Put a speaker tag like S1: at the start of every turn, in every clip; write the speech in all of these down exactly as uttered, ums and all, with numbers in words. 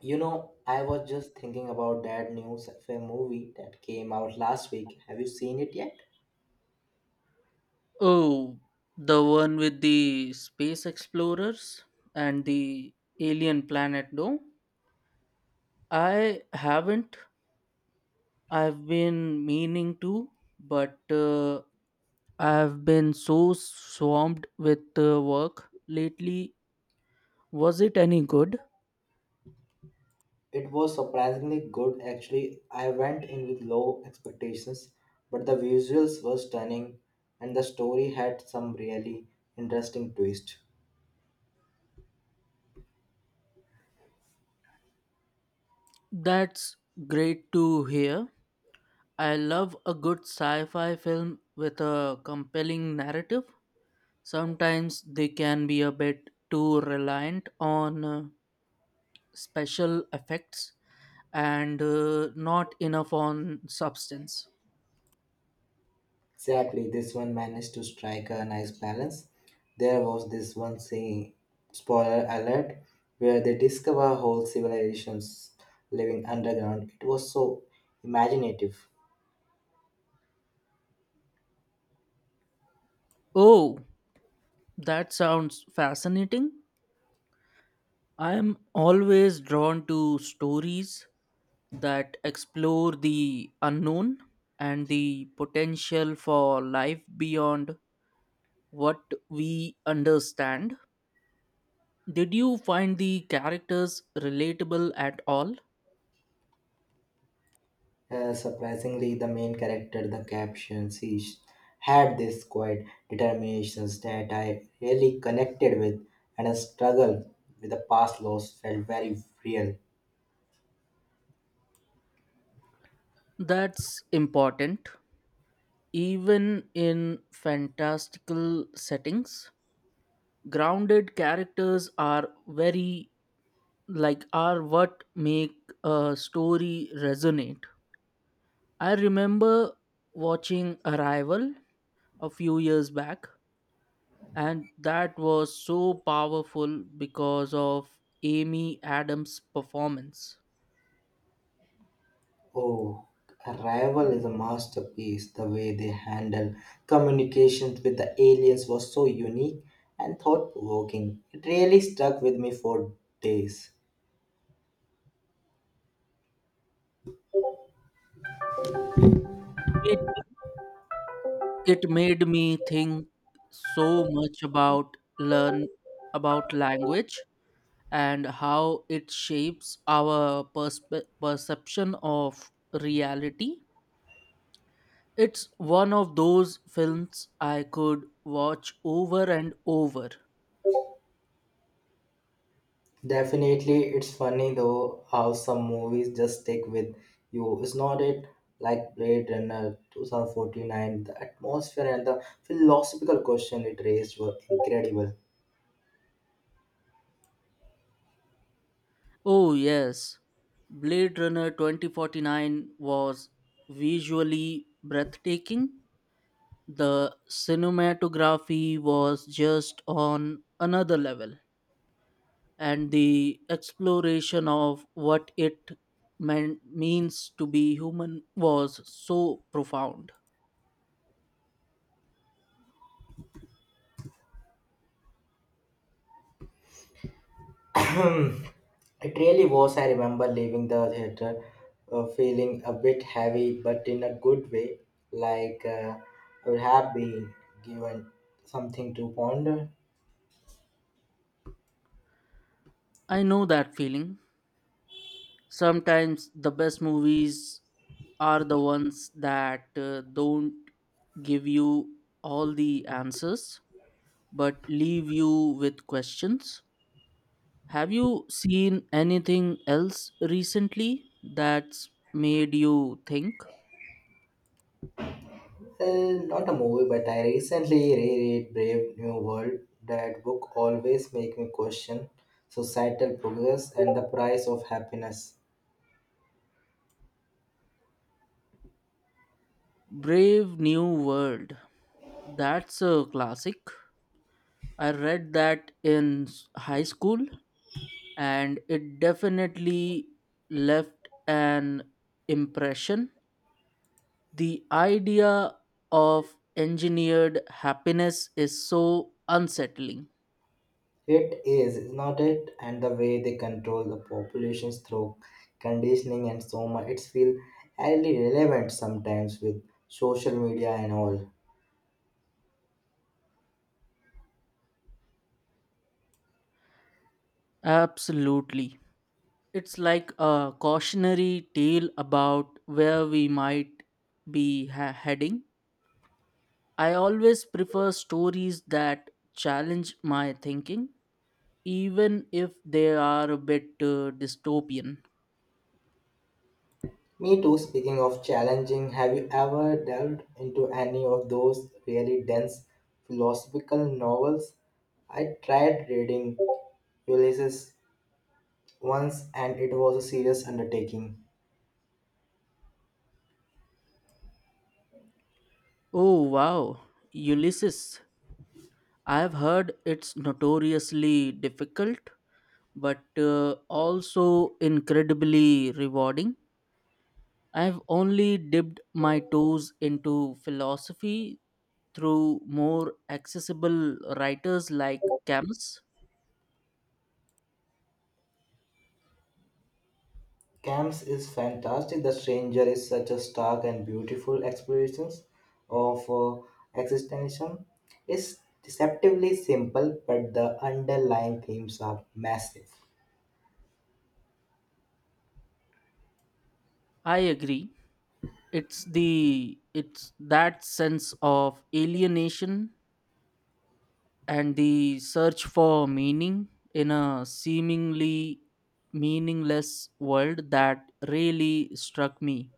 S1: You know, I was just thinking about that new sci-fi movie that came out last week. Have you seen it yet?
S2: Oh, the one with the space explorers and the alien planet, no? I haven't. I've been meaning to, but uh, I've been so swamped with uh, work lately. Was it any good?
S1: It was surprisingly good actually. I went in with low expectations, but the visuals were stunning and the story had some really interesting twist.
S2: That's great to hear. I love a good sci fi film with a compelling narrative. Sometimes they can be a bit too reliant on. Uh, special effects and uh, not enough on substance.
S1: Exactly, this one managed to strike a nice balance. There was this one scene, spoiler alert, where they discover whole civilizations living underground. It was so imaginative.
S2: Oh, that sounds fascinating. I am always drawn to stories that explore the unknown and the potential for life beyond what we understand. Did you find the characters relatable at all?
S1: Uh, surprisingly, the main character, the caption, she sh- had this quiet determination that I really connected with, and a struggle with the past loss felt very real.
S2: That's important, even in fantastical settings. Grounded characters are very like are what make a story resonate. I remember watching Arrival a few years back, and that was so powerful because of Amy Adams' performance.
S1: Oh, Arrival is a masterpiece. The way they handle communications with the aliens was so unique and thought provoking. It really stuck with me for days.
S2: It, it made me think so much about learn about language and how it shapes our perspe- perception of reality. It's one of those films I could watch over and over.
S1: Definitely, it's funny though how some movies just stick with you. It's not it like Blade Runner two thousand forty-nine. The atmosphere and the philosophical question it raised were incredible.
S2: Oh, yes. Blade Runner twenty forty-nine was visually breathtaking. The cinematography was just on another level, and the exploration of what it meant, means to be human was so profound.
S1: It really was. I remember leaving the theater uh, feeling a bit heavy, but in a good way. Like uh, I would have been given something to ponder.
S2: I know that feeling. Sometimes the best movies are the ones that uh, don't give you all the answers but leave you with questions. Have you seen anything else recently that's made you think?
S1: Uh, not a movie, but I recently reread Brave New World. That book always makes me question societal progress and the price of happiness.
S2: Brave New World. That's a classic. I read that in s- high school and it definitely left an impression. The idea of engineered happiness is so unsettling.
S1: It is, is not it? And the way they control the populations through conditioning and so much. It's feel highly relevant sometimes with social media and all.
S2: Absolutely. It's like a cautionary tale about where we might be ha- heading. I always prefer stories that challenge my thinking, even if they are a bit uh, dystopian.
S1: Me too, speaking of challenging, have you ever delved into any of those really dense philosophical novels? I tried reading Ulysses once, and it was a serious undertaking.
S2: Oh, wow. Ulysses. I have heard it's notoriously difficult, but uh, also incredibly rewarding. I've only dipped my toes into philosophy through more accessible writers like Camus.
S1: Camps is fantastic. The Stranger is such a stark and beautiful exploration of uh, existentialism. It's deceptively simple, but the underlying themes are massive.
S2: I agree. It's the it's that sense of alienation and the search for meaning in a seemingly meaningless world that really struck me.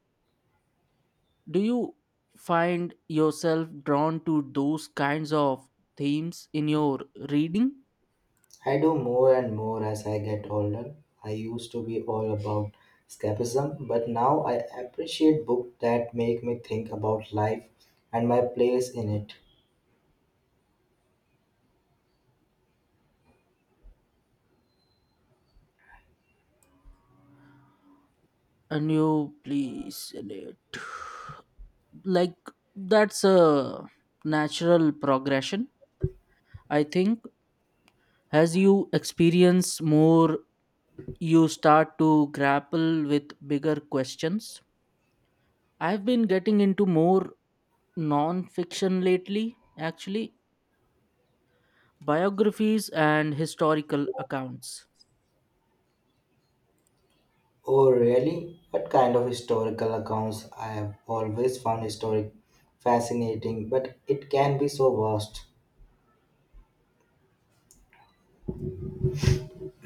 S2: Do you find yourself drawn to those kinds of themes in your reading?
S1: I do more and more as I get older. I used to be all about escapism, but now I appreciate books that make me think about life and my place in it.
S2: And you please select. Like, that's a natural progression, I think. As you experience more, you start to grapple with bigger questions. I've been getting into more non fiction lately, actually, biographies and historical accounts.
S1: Oh, really? What kind of historical accounts? I have always found historic fascinating, but it can be so vast.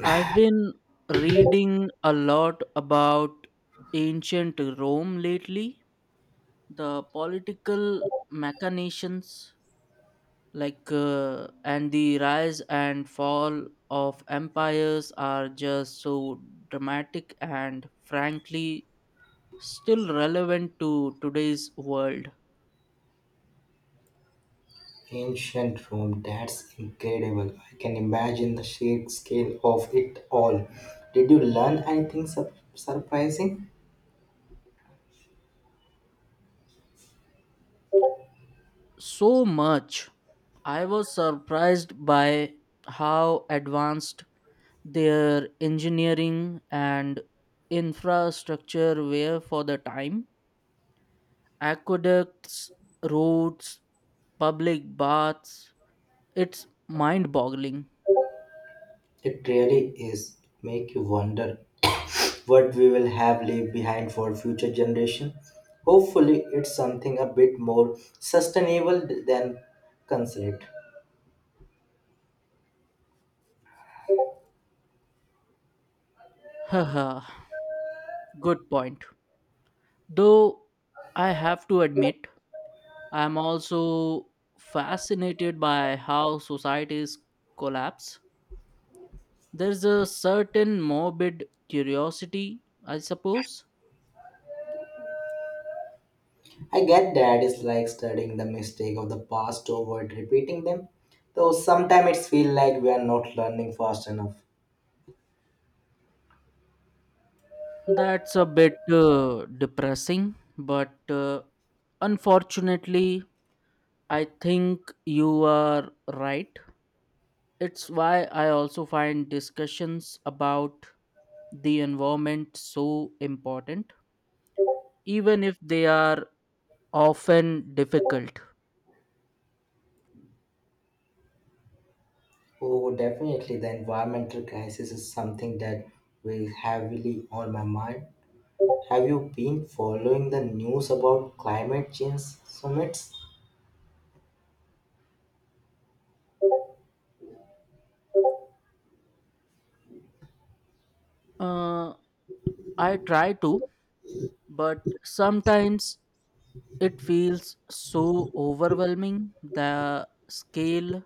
S2: I've been reading a lot about ancient Rome lately, the political machinations, like uh, and the rise and fall of empires are just so dramatic and frankly still relevant to today's world.
S1: Ancient Rome, that's incredible. I can imagine the sheer scale of it all. Did you learn anything sur- surprising?
S2: So much. I was surprised by how advanced their engineering and infrastructure were for the time: aqueducts, roads, public baths. It's mind boggling.
S1: It really is. Make you wonder what we will have left behind for future generation. Hopefully, it's something a bit more sustainable than considered.
S2: Haha, good point. Though I have to admit, I'm also fascinated by how societies collapse. There's a certain morbid curiosity, I suppose.
S1: I get that it's like studying the mistake of the past to avoid repeating them, though sometimes it feels like we are not learning fast enough.
S2: That's a bit uh, depressing, but uh, unfortunately, I think you are right. It's why I also find discussions about the environment so important, even if they are often difficult.
S1: Oh, definitely the environmental crisis is something that weighs heavily on my mind. Have you been following the news about climate change summits?
S2: Uh, I try to, but sometimes it feels so overwhelming. The scale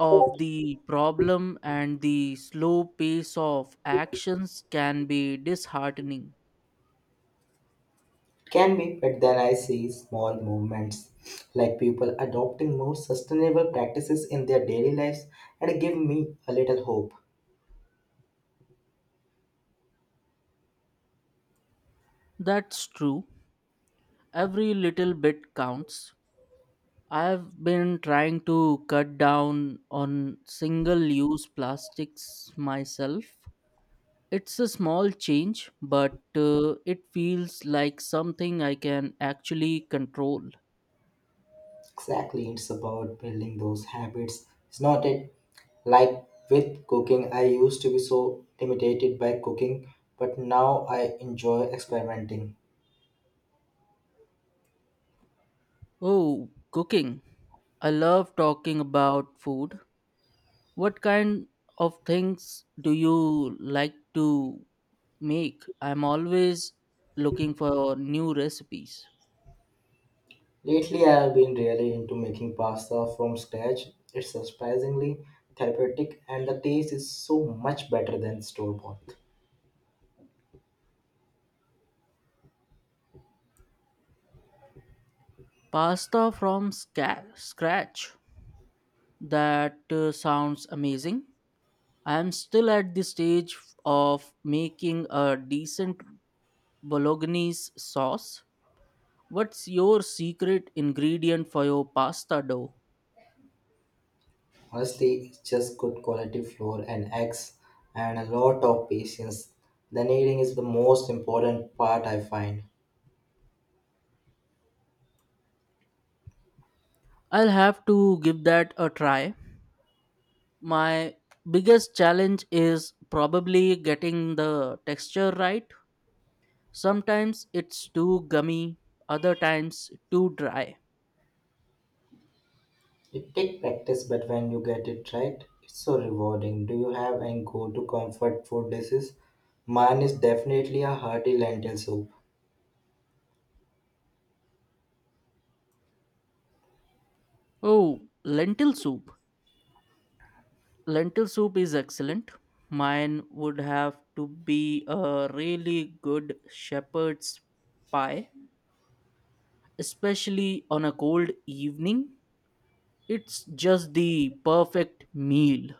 S2: of the problem and the slow pace of actions can be disheartening.
S1: Can be, but then I see small movements like people adopting more sustainable practices in their daily lives and give me a little hope.
S2: That's true. Every little bit counts. I've been trying to cut down on single use plastics myself. It's a small change, but uh, it feels like something I can actually control.
S1: Exactly, it's about building those habits. It's not it. Like with cooking, I used to be so intimidated by cooking, but now I enjoy experimenting.
S2: Oh, cooking. I love talking about food. What kind of things do you like to make? I'm always looking for new recipes.
S1: Lately, I have been really into making pasta from scratch. It's surprisingly therapeutic, and the taste is so much better than store bought.
S2: Pasta from sca- scratch. That uh, sounds amazing. I'm still at the stage of making a decent bolognese sauce. What's your secret ingredient for your pasta dough?
S1: Honestly, it's just good quality flour and eggs and a lot of patience. The kneading is the most important part I find.
S2: I'll have to give that a try. My biggest challenge is probably getting the texture right. Sometimes it's too gummy, other times too dry.
S1: It takes practice, but when you get it right, it's so rewarding. Do you have any go-to comfort food dishes? Mine is definitely a hearty lentil soup.
S2: Oh, lentil soup. Lentil soup is excellent. Mine would have to be a really good shepherd's pie, especially on a cold evening. It's just the perfect meal.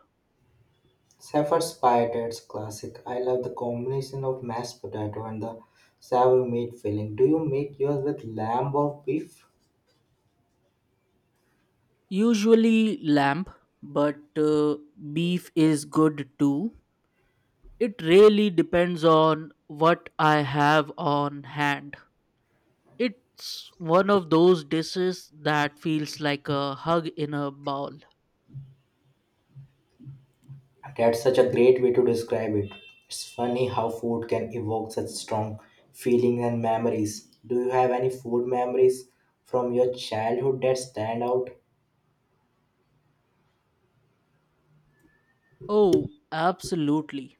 S1: Safford spiders classic. I love the combination of mashed potato and the sour meat filling. Do you make yours with lamb or beef?
S2: Usually lamb, but uh, beef is good too. It really depends on what I have on hand. It's one of those dishes that feels like a hug in a bowl.
S1: That's such a great way to describe it. It's funny how food can evoke such strong feelings and memories. Do you have any food memories from your childhood that stand out?
S2: Oh, absolutely.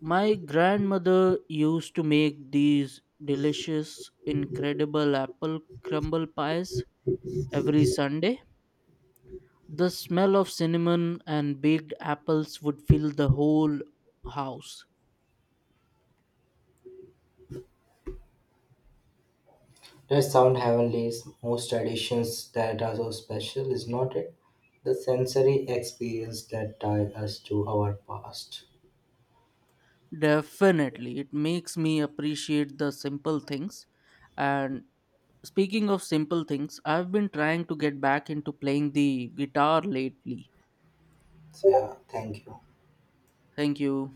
S2: My grandmother used to make these delicious, incredible apple crumble pies every Sunday. The smell of cinnamon and baked apples would fill the whole house.
S1: Does sound heavenly. Is most traditions that are so special, is not it? The sensory experience that tie us to our past.
S2: Definitely. It makes me appreciate the simple things. And speaking of simple things, I've been trying to get back into playing the guitar lately.
S1: So, yeah, thank you.
S2: Thank you.